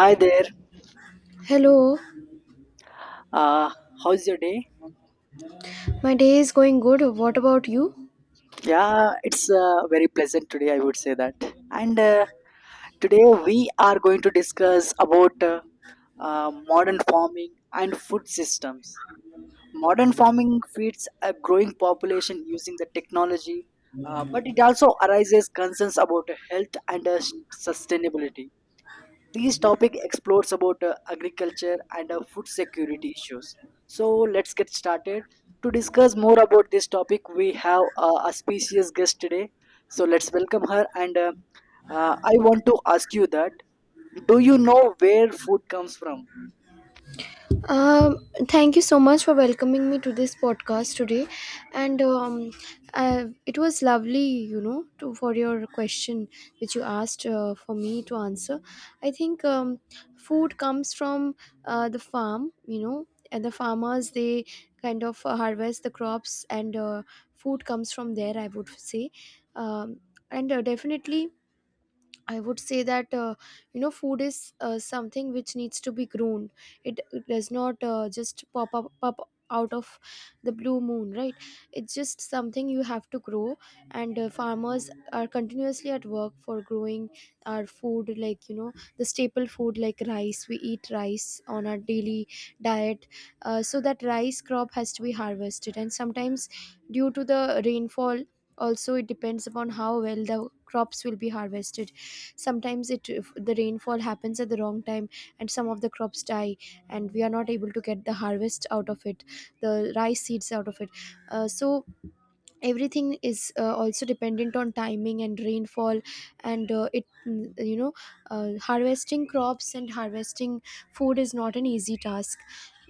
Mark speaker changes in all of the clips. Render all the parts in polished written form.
Speaker 1: Hi there.
Speaker 2: Hello,
Speaker 1: Uh, How's your day?
Speaker 2: my day is going good. What about you?
Speaker 1: Yeah, it's very pleasant today, I would say that. And Today we are going to discuss about modern farming and food systems. Modern farming feeds a growing population using the technology, but it also arises concerns about health and sustainability. This topic explores about agriculture and food security issues. So let's get started. To discuss more about this topic, we have a specious guest today. So let's welcome her. And I want to ask you that: do you know where food comes from?
Speaker 2: Thank you so much for welcoming me to this podcast today, and it was lovely, to for your question which you asked for me to answer. I think food comes from the farm, you know, and the farmers they kind of harvest the crops, and food comes from there, I would say. Um, and uh, definitely I would say that food is something which needs to be grown. It does not just pop out of the blue moon, right? It's just something you have to grow, and farmers are continuously at work for growing our food, like you know, the staple food like rice. We eat rice on our daily diet. So that rice crop has to be harvested, and sometimes due to the rainfall, also it depends upon how well the crops will be harvested. Sometimes it if the rainfall happens at the wrong time and some of the crops die and we are not able to get the harvest out of it, the rice seeds out of it. So everything is also dependent on timing and rainfall, and it mm, you know harvesting crops and harvesting food is not an easy task.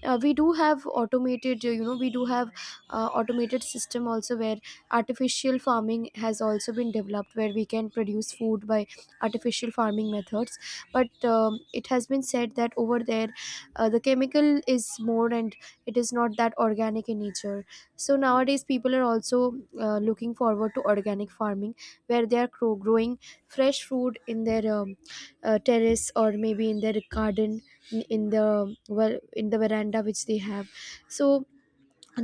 Speaker 2: We do have automated we do have automated system also where artificial farming has also been developed, where we can produce food by artificial farming methods, but it has been said that over there the chemical is more and it is not that organic in nature. So nowadays people are also looking forward to organic farming, where they are growing fresh food in their terrace or maybe in their garden, in the, well, in the veranda which they have. So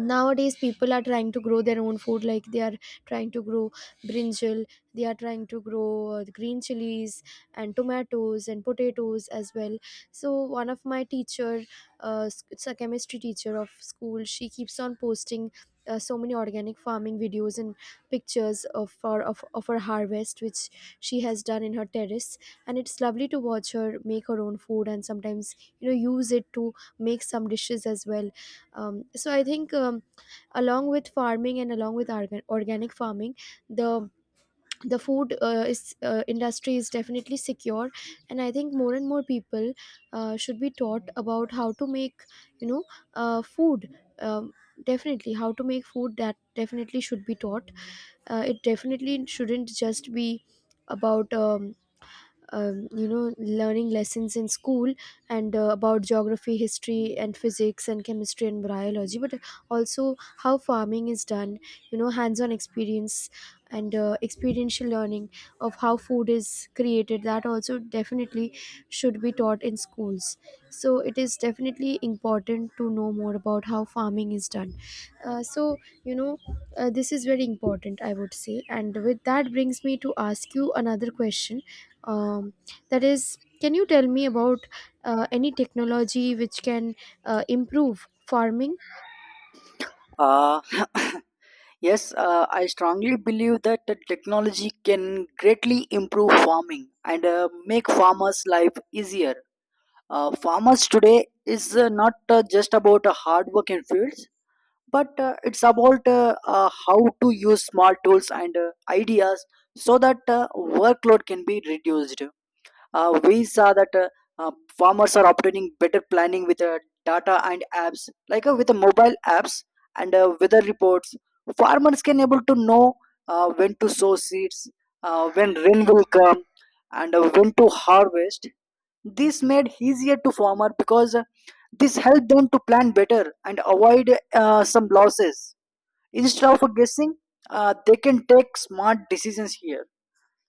Speaker 2: nowadays people are trying to grow their own food, like they are trying to grow brinjal, they are trying to grow green chilies and tomatoes and potatoes as well. So one of my teacher, it's a chemistry teacher of school, she keeps on posting so many organic farming videos and pictures of her, of her harvest which she has done in her terrace, and it's lovely to watch her make her own food and sometimes, you know, use it to make some dishes as well. So I think, along with farming and along with organic farming, the the food industry is definitely secure, and I think more and more people should be taught about how to make, you know, food. Um, Definitely, how to make food, that definitely should be taught. It definitely shouldn't just be about you know, learning lessons in school and about geography, history and physics and chemistry and biology, but also how farming is done, you know, hands-on experience and experiential learning of how food is created, that also definitely should be taught in schools. So it is definitely important to know more about how farming is done. uh, so you know this is very important, I would say, and with that brings me to ask you another question, um, that is, can you tell me about any technology which can improve farming?
Speaker 1: Uh, yes, I strongly believe that the technology can greatly improve farming and make farmers' life easier. Farmers today is not just about hard work in fields, but it's about how to use smart tools and ideas so that workload can be reduced. We saw that uh, farmers are obtaining better planning with data and apps, like with the mobile apps and weather reports. Farmers can able to know when to sow seeds, when rain will come, and when to harvest. This made easier to farmer because this helped them to plan better and avoid some losses. Instead of guessing, they can take smart decisions here.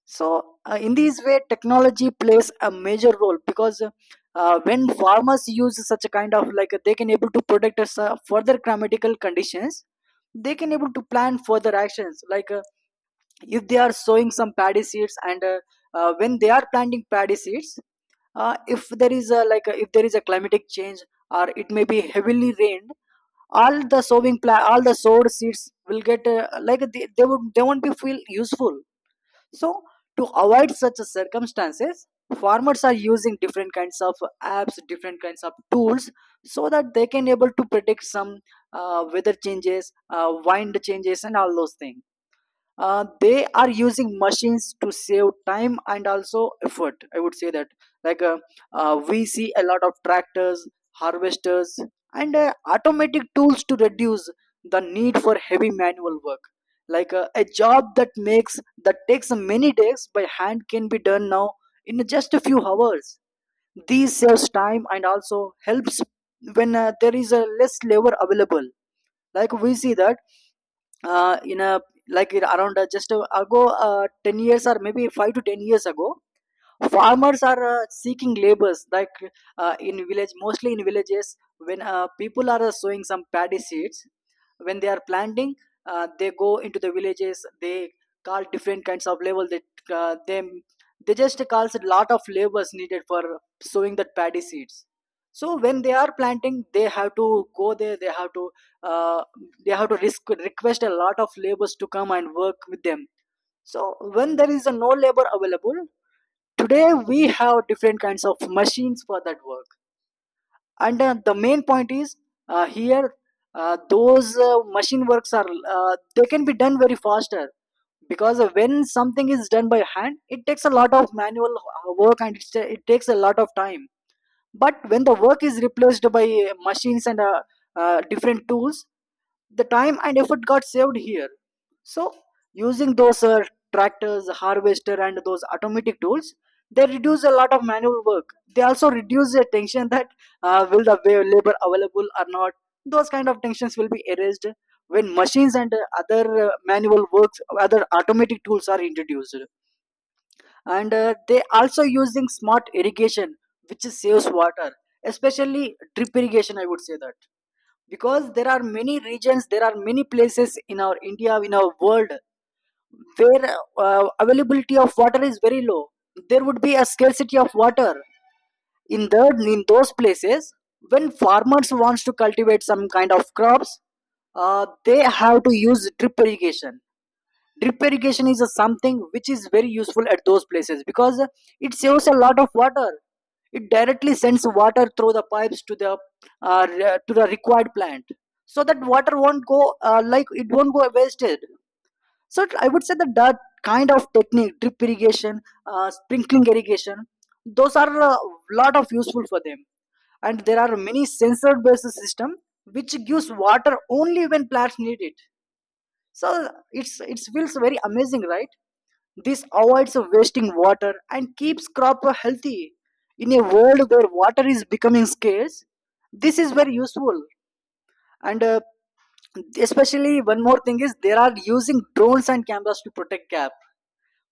Speaker 1: So in this way, technology plays a major role because when farmers use such a kind of like they can able to predict us, further climatical conditions, they can able to plan further actions like if they are sowing some paddy seeds and when they are planting paddy seeds, if there is a if there is a climatic change or it may be heavily rained, all the all the sowed seeds will get like they would they won't be feel useful. So to avoid such circumstances, farmers are using different kinds of apps, different kinds of tools, so that they can able to predict some weather changes, wind changes and all those things. They are using machines to save time and also effort, I would say that. like uh, we see a lot of tractors, harvesters, and automatic tools to reduce the need for heavy manual work. A job that takes many days by hand can be done now in just a few hours. These saves time and also helps when there is a less labor available. Like we see that in a like it around just ago 10 years or maybe 5 to 10 years ago, farmers are seeking labors. In village, mostly in villages, when people are sowing some paddy seeds, when they are planting, they go into the villages, they call different kinds of labor. They uh, them they just calls a lot of labors needed for sowing that paddy seeds. So when they are planting, they have to go there, uh, they have to request a lot of labors to come and work with them. So when there is a no labor available. Today we have different kinds of machines for that work, and the main point is here those machine works are they can be done very faster because when something is done by hand, it takes a lot of manual work, and it's, it takes a lot of time. But when the work is replaced by machines and different tools, the time and effort got saved here. So using those tractors, harvester, and those automatic tools, they reduce a lot of manual work. They also reduce the tension that will the labor available or not. Those kind of tensions will be erased when machines and other manual works, other automatic tools are introduced. And they also using smart irrigation, which saves water, especially drip irrigation. I would say that because there are many regions, there are many places in our India, in our world, where availability of water is very low, there would be a scarcity of water in the in those places. When farmers wants to cultivate some kind of crops, they have to use drip irrigation. Drip irrigation is a something which is very useful at those places because it saves a lot of water. It directly sends water through the pipes to the to the required plant, so that water won't go like it won't go wasted. So I would say that that kind of technique, drip irrigation, sprinkling irrigation, those are a lot of useful for them. And there are many sensor-based system which gives water only when plants need it. So it's it feels very amazing, right? This avoids of wasting water and keeps crop healthy. In a world where water is becoming scarce, this is very useful. And especially one more thing is they are using drones and cameras to protect gaps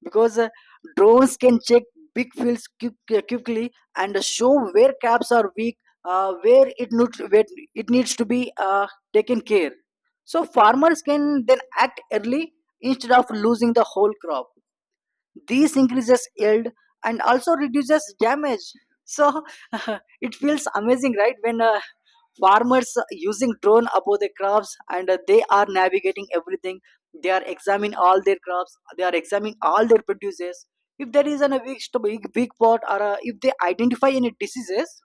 Speaker 1: because drones can check big fields quickly and show where caps are weak, where it needs to be taken care. So farmers can then act early instead of losing the whole crop. This increases yield and also reduces damage. So it feels amazing, right? When farmers using drone above the crops and they are navigating everything, they are examining all their crops, they are examining all their produces. If there is a weak, weak spot, or if they identify any diseases,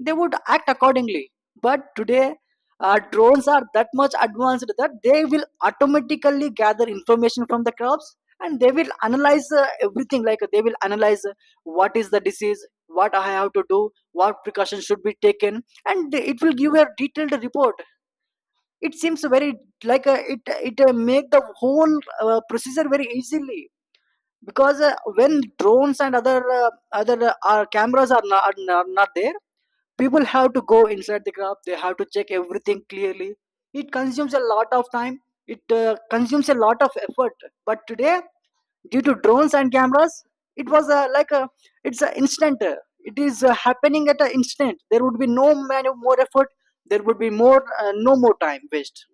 Speaker 1: they would act accordingly. But today, drones are that much advanced that they will automatically gather information from the crops and they will analyze everything. Like they will analyze what is the disease, what I have to do, what precautions should be taken, and it will give a detailed report. It seems very like it it make the whole procedure very easily because when drones and other our cameras are not there, people have to go inside the graph, they have to check everything clearly. It consumes a lot of time, it consumes a lot of effort, but today due to drones and cameras, it was like a it's an instant it is happening at an instant. There would be no man more effort, there would be more no more time waste.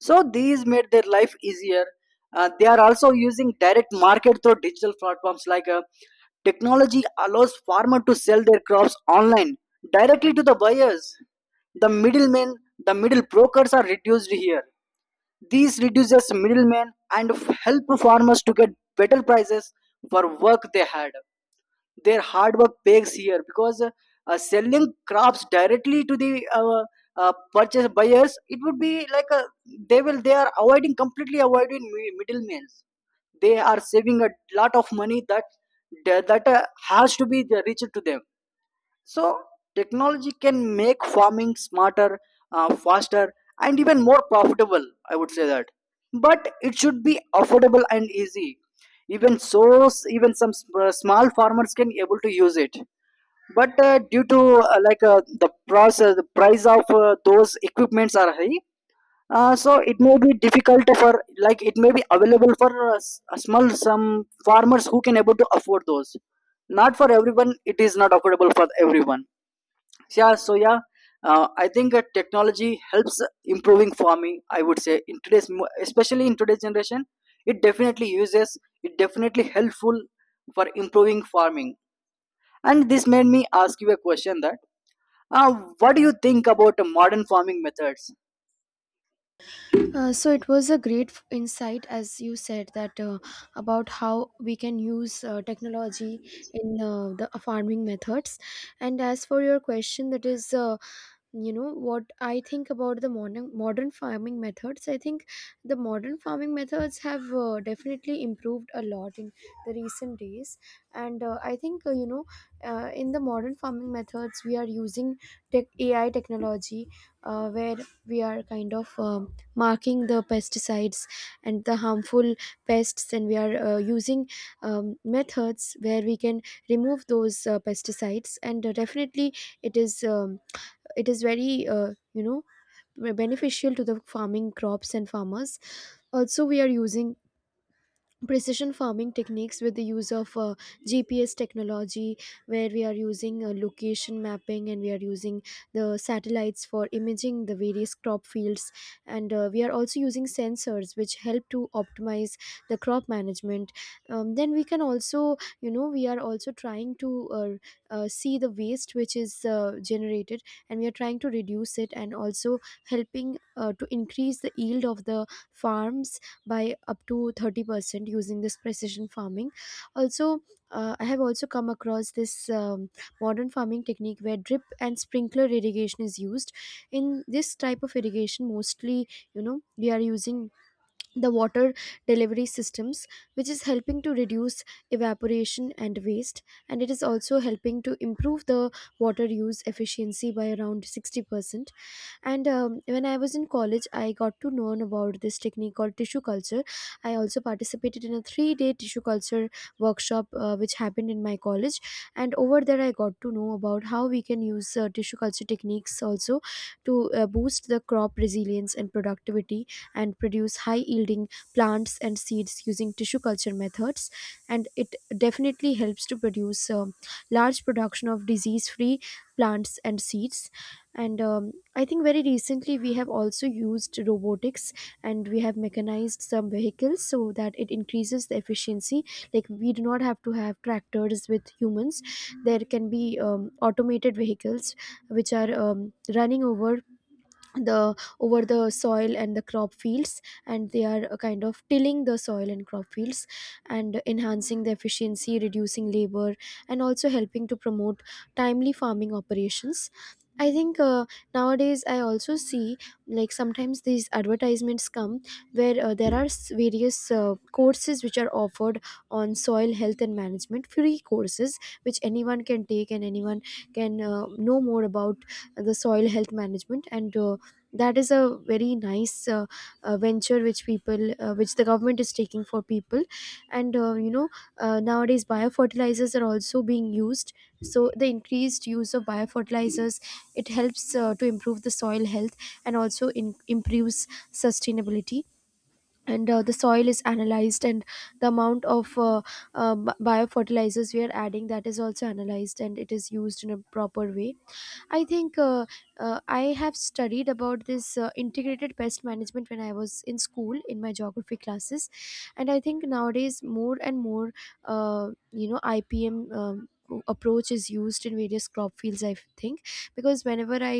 Speaker 1: So these made their life easier. They are also using direct market through digital platforms. Like technology allows farmer to sell their crops online directly to the buyers. The middlemen, the middle brokers are reduced here. These reduces middlemen and help farmers to get better prices for work they had. Their hard work pays here because selling crops directly to the purchase buyers, it would be like a, they will they are avoiding, completely avoiding middlemen. They are saving a lot of money that has to be reached to them. So technology can make farming smarter, faster, and even more profitable. I would say that, but it should be affordable and easy. Even so, even some small farmers can able to use it. But due to the process, the price of those equipments are high. So it may be difficult for like it may be available for a small some farmers who can able to afford those. Not for everyone. It is not affordable for everyone. Yeah, I think that technology helps improving farming, I would say, in especially in today's generation. It definitely uses. It definitely helpful for improving farming. And this made me ask you a question that, uh, what do you think about the modern farming methods?
Speaker 2: So it was a great insight, as you said, that about how we can use technology in the farming methods. And as for your question, that is, what I think about the modern farming methods. I think the modern farming methods have definitely improved a lot in the recent days, and I think in the modern farming methods we are using tech, AI technology, where we are kind of marking the pesticides and the harmful pests, and we are using methods where we can remove those pesticides, and definitely it is, it is very, beneficial to the farming crops and farmers. Also, we are using precision farming techniques with the use of GPS technology, where we are using location mapping, and we are using the satellites for imaging the various crop fields, and we are also using sensors which help to optimize the crop management. Then we can also, you know, we are also trying to see the waste which is generated, and we are trying to reduce it and also helping to increase the yield of the farms by up to 30% using this precision farming. Also, I have also come across this, um, modern farming technique where drip and sprinkler irrigation is used. In this type of irrigation, mostly, you know, we are using the water delivery systems, which is helping to reduce evaporation and waste, and it is also helping to improve the water use efficiency by around 60%. And when I was in college, I got to learn about this technique called tissue culture. I also participated in a 3 day tissue culture workshop which happened in my college. And over there, I got to know about how we can use tissue culture techniques also to boost the crop resilience and productivity, and produce high yielding plants and seeds using tissue culture methods. And it definitely helps to produce large production of disease free plants and seeds. And I think very recently we have also used robotics, and we have mechanized some vehicles so that it increases the efficiency. Like, we do not have to have tractors with humans, there can be automated vehicles which are running over the, over the soil and the crop fields, and they are kind of tilling the soil and crop fields and enhancing the efficiency, reducing labor, and also helping to promote timely farming operations. I think nowadays I also see, like sometimes these advertisements come where there are various courses which are offered on soil health and management, free courses which anyone can take, and anyone can know more about the soil health management. And that is a very nice venture which people which the government is taking for people. And nowadays biofertilizers are also being used, so the increased use of biofertilizers, it helps to improve the soil health and also improves sustainability. And the soil is analyzed, and the amount of biofertilizers we are adding, that is also analyzed and it is used in a proper way. I think, I have studied about this integrated pest management when I was in school in my geography classes, and I think nowadays more and more, IPM, approach is used in various crop fields, I think, because whenever I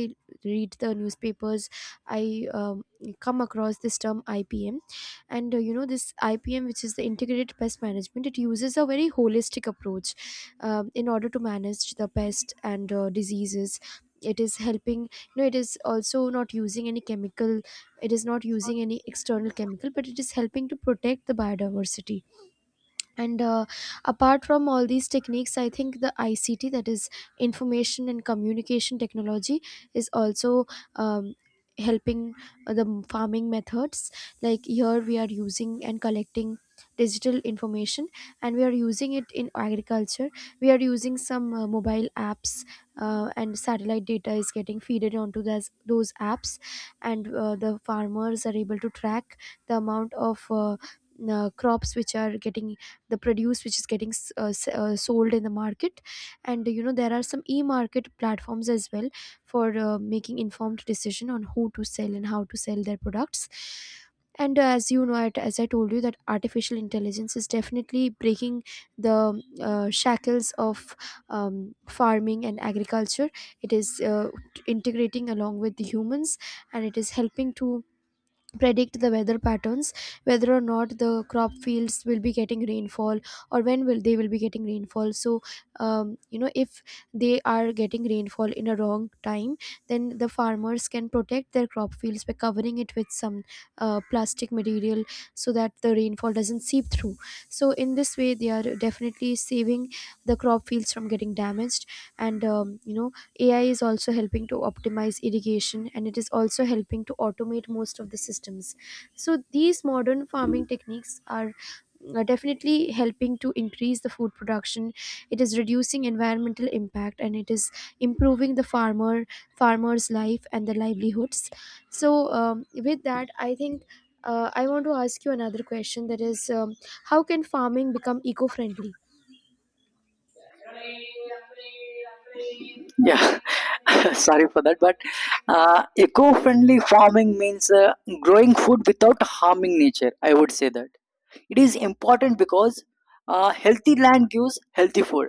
Speaker 2: read the newspapers, I come across this term IPM. And you know, this IPM, which is the integrated pest management, it uses a very holistic approach in order to manage the pest and diseases. It is helping, you know, it is also not using any chemical, it is not using any external chemical, but it is helping to protect the biodiversity. And apart from all these techniques, I think the ICT, that is information and communication technology, is also um, helping farming methods. Like, here we are using and collecting digital information, and we are using it in agriculture. We are using some mobile apps, and satellite data is getting feeded onto those apps, and the farmers are able to track the amount of crops which are getting, the produce which is getting sold in the market. And you know, there are some e-market platforms as well for making informed decision on who to sell and how to sell their products. And as I told you, that artificial intelligence is definitely breaking the shackles of um, farming and agriculture. It is integrating along with the humans, and it is helping to predict the weather patterns, whether or not the crop fields will be getting rainfall, or when will they will be getting rainfall. So you know, if they are getting rainfall in a wrong time, then the farmers can protect their crop fields by covering it with some plastic material, so that the rainfall doesn't seep through. So in this way they are definitely saving the crop fields from getting damaged. And you know, AI is also helping to optimize irrigation, and it is also helping to automate most of the systems. So these modern farming techniques are definitely helping to increase the food production. It is reducing environmental impact and it is improving the farmer's life and the livelihoods. So with that I think I want to ask you another question, that is, how can farming become eco-friendly?
Speaker 1: Yeah. Sorry for that, but eco-friendly farming means growing food without harming nature. I would say that it is important because healthy land gives healthy food.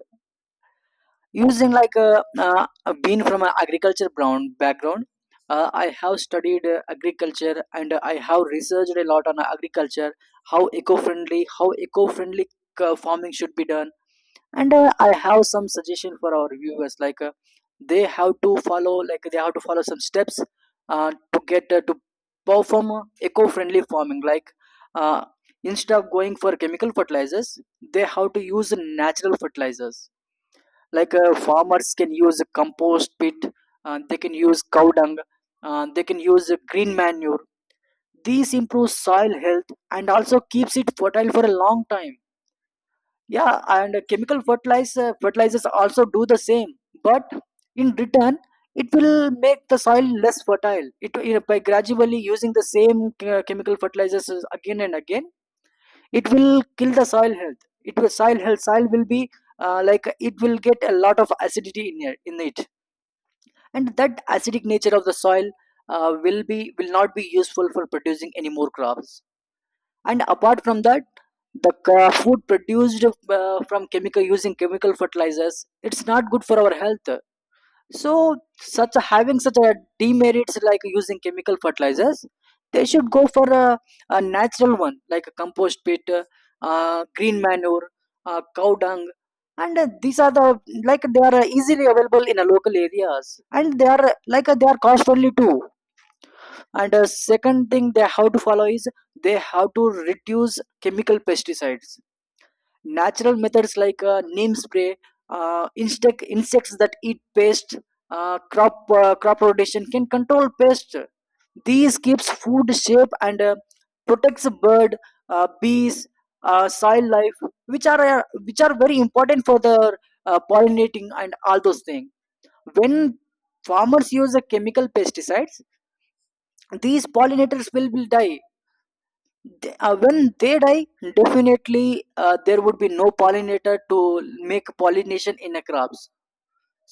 Speaker 1: Using like a being from an agriculture brown background, I have studied agriculture and I have researched a lot on agriculture, how eco-friendly farming should be done. And I have some suggestion for our viewers, like they have to follow, some steps to get to perform eco-friendly farming. Like uh, instead of going for chemical fertilizers, they have to use natural fertilizers. Like farmers can use compost pit, they can use cow dung, they can use green manure. These improve soil health and also keeps it fertile for a long time. Yeah, and chemical fertilizers also do the same, but in return it will make the soil less fertile. It by gradually using the same chemical fertilizers again and again, it will kill the soil health. It will soil will be like, it will get a lot of acidity in it. And that acidic nature of the soil will not be useful for producing any more crops. And apart from that, the food produced from chemical using chemical fertilizers, it's not good for our health. So having such a demerits like using chemical fertilizers, they should go for a natural one like a compost pit, green manure, cow dung, and these are the, like they are easily available in local areas, and they are they are cost only too. And second thing they have to follow is they have to reduce chemical pesticides. Natural methods like neem spray, insects that eat pest, crop rotation can control pest. These keeps food safe and protects bird, bees, soil life, which are very important for the pollinating and all those things. When farmers use the chemical pesticides, these pollinators will die. When they die, definitely there would be no pollinator to make pollination in the crops.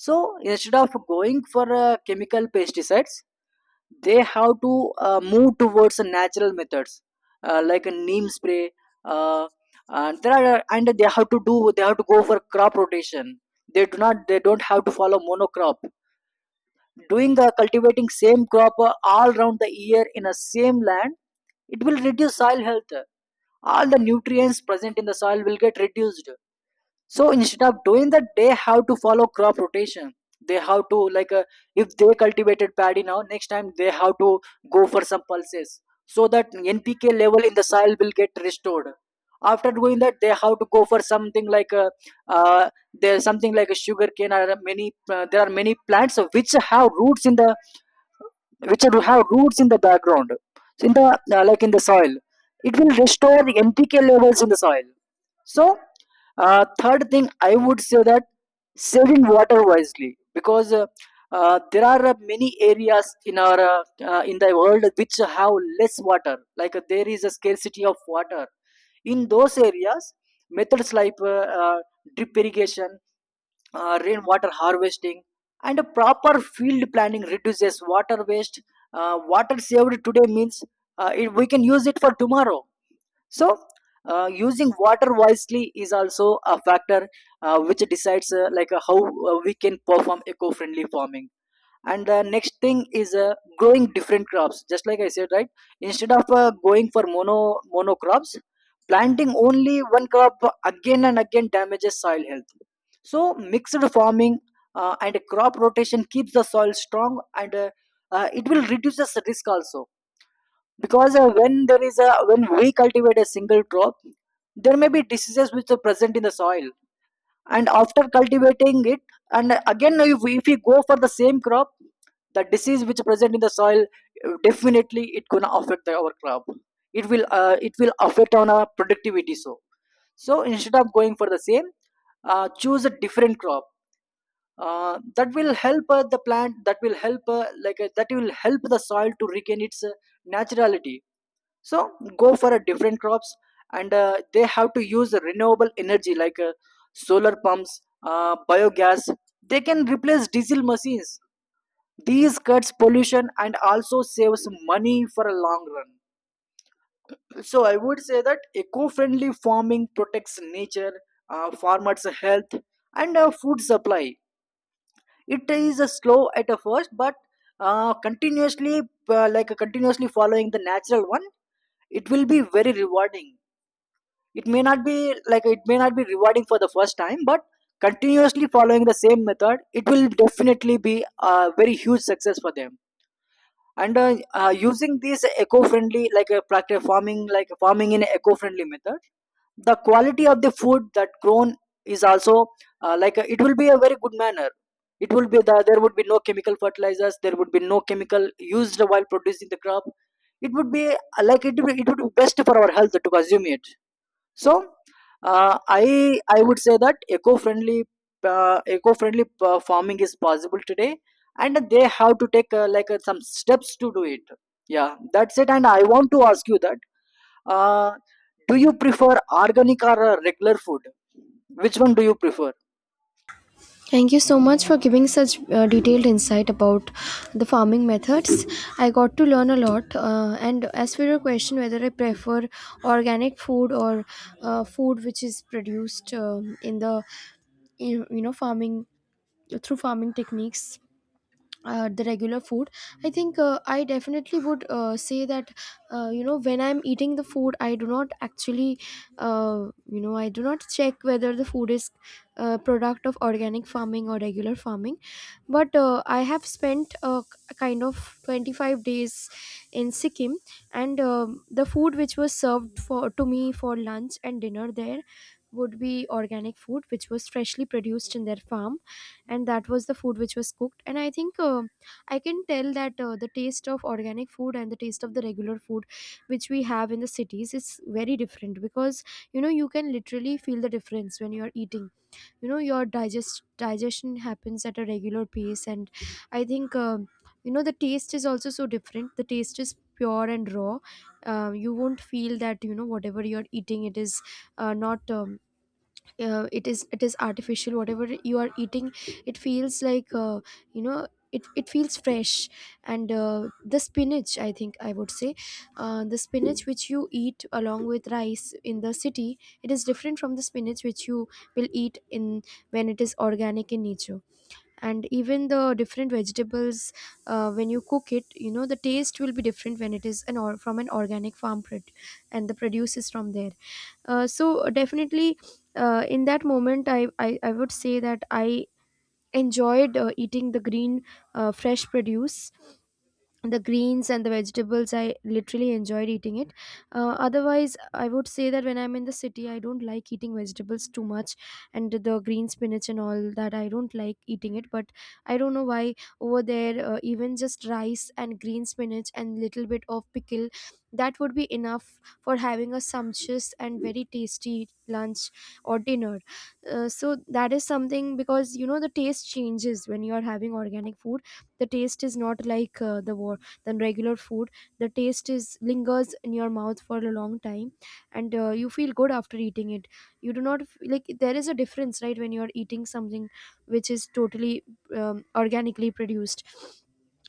Speaker 1: So instead of going for chemical pesticides, they have to move towards natural methods, like a neem spray, uh, and there are and they have to do, they have to go for crop rotation. They do not They don't have to follow monocrop. Doing cultivating same crop all around the year in a same land, it will reduce soil health. All the nutrients present in the soil will get reduced. So instead of doing that, they have to follow crop rotation. They have to, if they cultivated paddy now, next time they have to go for some pulses, so that NPK level in the soil will get restored. After doing that, they have to go for something like there's something like a sugarcane, or many there are many plants which have roots in the, which will have roots in the background, so in the like in the soil, it will restore the NPK levels in the soil. So third thing I would say that saving water wisely, because there are many areas in our in the world which have less water, like there is a scarcity of water in those areas. Methods like uh, drip irrigation, rainwater harvesting, and a proper field planning reduces water waste. Water saved today means we can use it for tomorrow. So using water wisely is also a factor which decides how we can perform eco-friendly farming. And the next thing is growing different crops, just like I said, right? Instead of going for mono crops, planting only one crop again and again damages soil health. So mixed farming and crop rotation keeps the soil strong, and it will reduce the risk also. Because when there is a, when we cultivate a single crop, there may be diseases which are present in the soil, and after cultivating it and again, if we go for the same crop, the disease which present in the soil, definitely it gonna affect our crop. It will it will affect on our productivity. So, so instead of going for the same, choose a different crop. That will help the plant that will help like that will help the soil to regain its naturality. So go for a different crops. And they have to use renewable energy, like solar pumps, biogas. They can replace diesel machines. These cuts pollution and also saves money for a long run. So I would say that eco-friendly farming protects nature, farmers health, and food supply. It is a slow at a first, but continuously, continuously following the natural one, it will be very rewarding. It may not be, like it may not be rewarding for the first time, but continuously following the same method, it will definitely be a very huge success for them. And using this eco-friendly, like a practice farming, like farming in eco-friendly method, the quality of the food that grown is also it will be a very good manner. It will be the, there would be no chemical fertilizers, there would be no chemical used while producing the crop. It would be it would be best for our health to consume it. So I would say that eco-friendly farming is possible today, and they have to take some steps to do it. Yeah, that's it. And I want to ask you that, uh, do you prefer organic or regular food? Which one do you prefer?
Speaker 2: Thank you so much for giving such detailed insight about the farming methods. I got to learn a lot. And as for your question, whether I prefer organic food or food which is produced in the farming, through farming techniques, the regular food. I think I definitely would say that when I'm eating the food I do not actually, I do not check whether the food is product of organic farming or regular farming. But I have spent a kind of 25 days in Sikkim, and the food which was served for to me for lunch and dinner there would be organic food which was freshly produced in their farm. And that was the food which was cooked, and I think I can tell that the taste of organic food and the taste of the regular food which we have in the cities is very different. Because you know, you can literally feel the difference when you're eating. You know, your digestion happens at a regular pace. And I think the taste is also so different. The taste is pure and raw. You won't feel that, you know, whatever you're eating, it is not it is it is artificial. Whatever you are eating, it feels like, you know it feels fresh. And the spinach, I think I would say, the spinach which you eat along with rice in the city, it is different from the spinach which you will eat in, when it is organic in nature. And even the different vegetables, when you cook it, you know, the taste will be different when it is an or from an organic farm and the produce is from there. So definitely, in that moment, I would say that I enjoyed eating the green fresh produce. The greens and the vegetables I literally enjoyed eating it. Otherwise I would say that when I'm in the city I don't like eating vegetables too much, and the green spinach and all that I don't like eating it. But I don't know why, over there even just rice and green spinach and little bit of pickle, that would be enough for having a sumptuous and very tasty lunch or dinner. So that is something, because you know the taste changes when you are having organic food. The taste is not like, the what, than regular food. The taste is lingers in your mouth for a long time, and you feel good after eating it. You do not like, there is a difference, right, when you're eating something which is totally organically produced.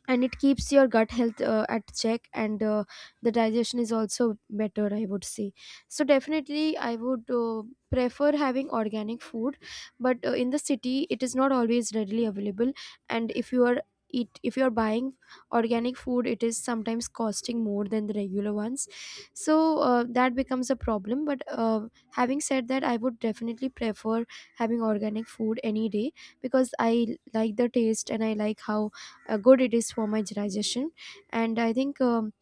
Speaker 2: And it keeps your gut health at check, and the digestion is also better, I would say. So definitely I would prefer having organic food. But in the city it is not always readily available, and if you are eat if you are buying organic food it is sometimes costing more than the regular ones. So that becomes a problem. But having said that, I would definitely prefer having organic food any day, because I like the taste, and I like how good it is for my digestion. And I think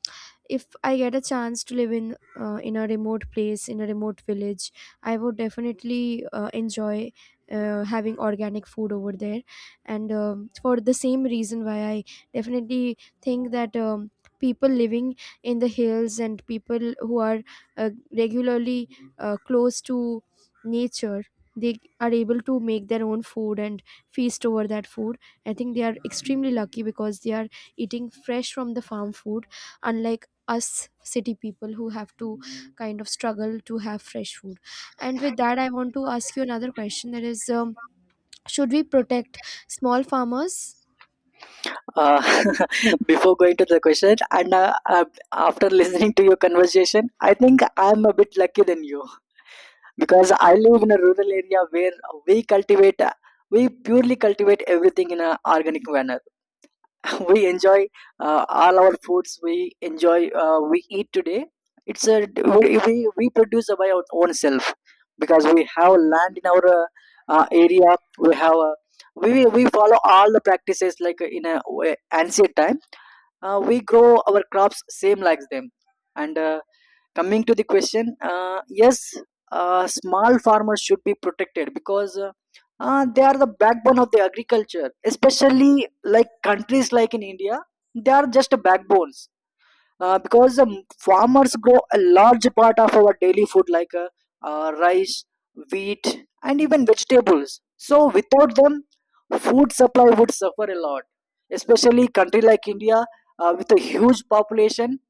Speaker 2: if I get a chance to live in a remote place, in a remote village, I would definitely enjoy having organic food over there. And for the same reason, why I definitely think that people living in the hills, and people who are regularly close to nature, they are able to make their own food and feast over that food, I think they are extremely lucky, because they are eating fresh from the farm food, unlike us city people who have to kind of struggle to have fresh food. And with that, I want to ask you another question, that is, should we protect small farmers?
Speaker 1: Uh, Before going to the question, and after listening to your conversation, I think I'm a bit lucky than you, because I live in a rural area where we cultivate, we purely cultivate everything in an organic manner. We enjoy all our foods. We enjoy we eat today. It's a We produce by our own self, because we have land in our area. We follow all the practices, like in a way, ancient time, we grow our crops same like them. And coming to the question, yes, small farmers should be protected, because they are the backbone of the agriculture, especially like countries like in India, they are just backbones. Because farmers grow a large part of our daily food, like rice, wheat, and even vegetables. So without them, food supply would suffer a lot, especially country like India, with a huge population.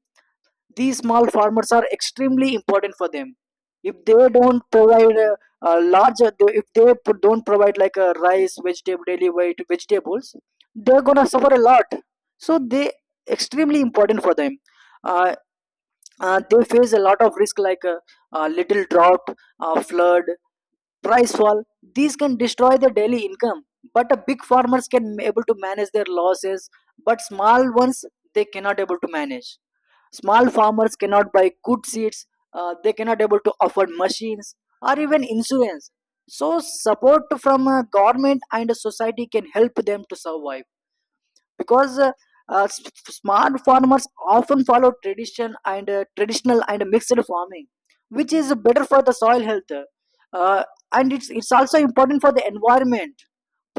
Speaker 1: These small farmers are extremely important for them. If they don't provide a larger, if they p- don't provide like a rice vegetable daily weight vegetables, they're gonna suffer a lot. So they extremely important for them. uh, they face a lot of risk, like little drought, flood, price fall. These can destroy their daily income. But a big farmers can able to manage their losses, but small ones, they cannot able to manage. Small farmers cannot buy good seeds. They cannot able to afford machines or even insurance. So support from government and society can help them to survive. Because uh, s- smart farmers often follow tradition and traditional and mixed farming, which is better for the soil health. uh, and it's also important for the environment.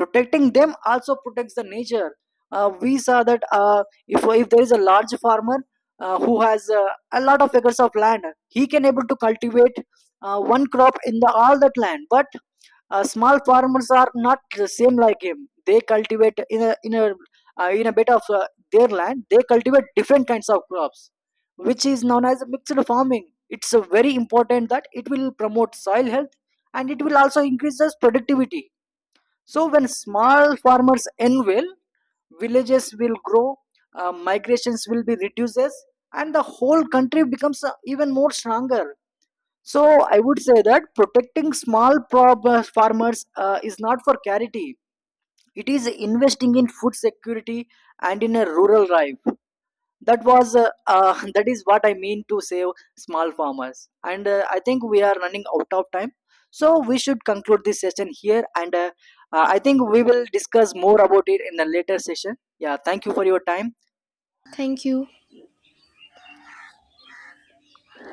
Speaker 1: Protecting them also protects the nature. We saw that if there is a large farmer who has a lot of acres of land, he can able to cultivate one crop in the all that land. But small farmers are not the same like him. They cultivate in a bit of their land. They cultivate different kinds of crops, which is known as mixed farming. It's very important that it will promote soil health, and it will also increase the productivity. So when small farmers end well, villages will grow, migrations will be reduces, and the whole country becomes even more stronger. So I would say that protecting farmers is not for charity. It is investing in food security and in a rural life. That was that is what I mean to save small farmers. And I think we are running out of time, so we should conclude this session here. And I think we will discuss more about it in the later session. Yeah, thank you for your time.
Speaker 2: Thank you.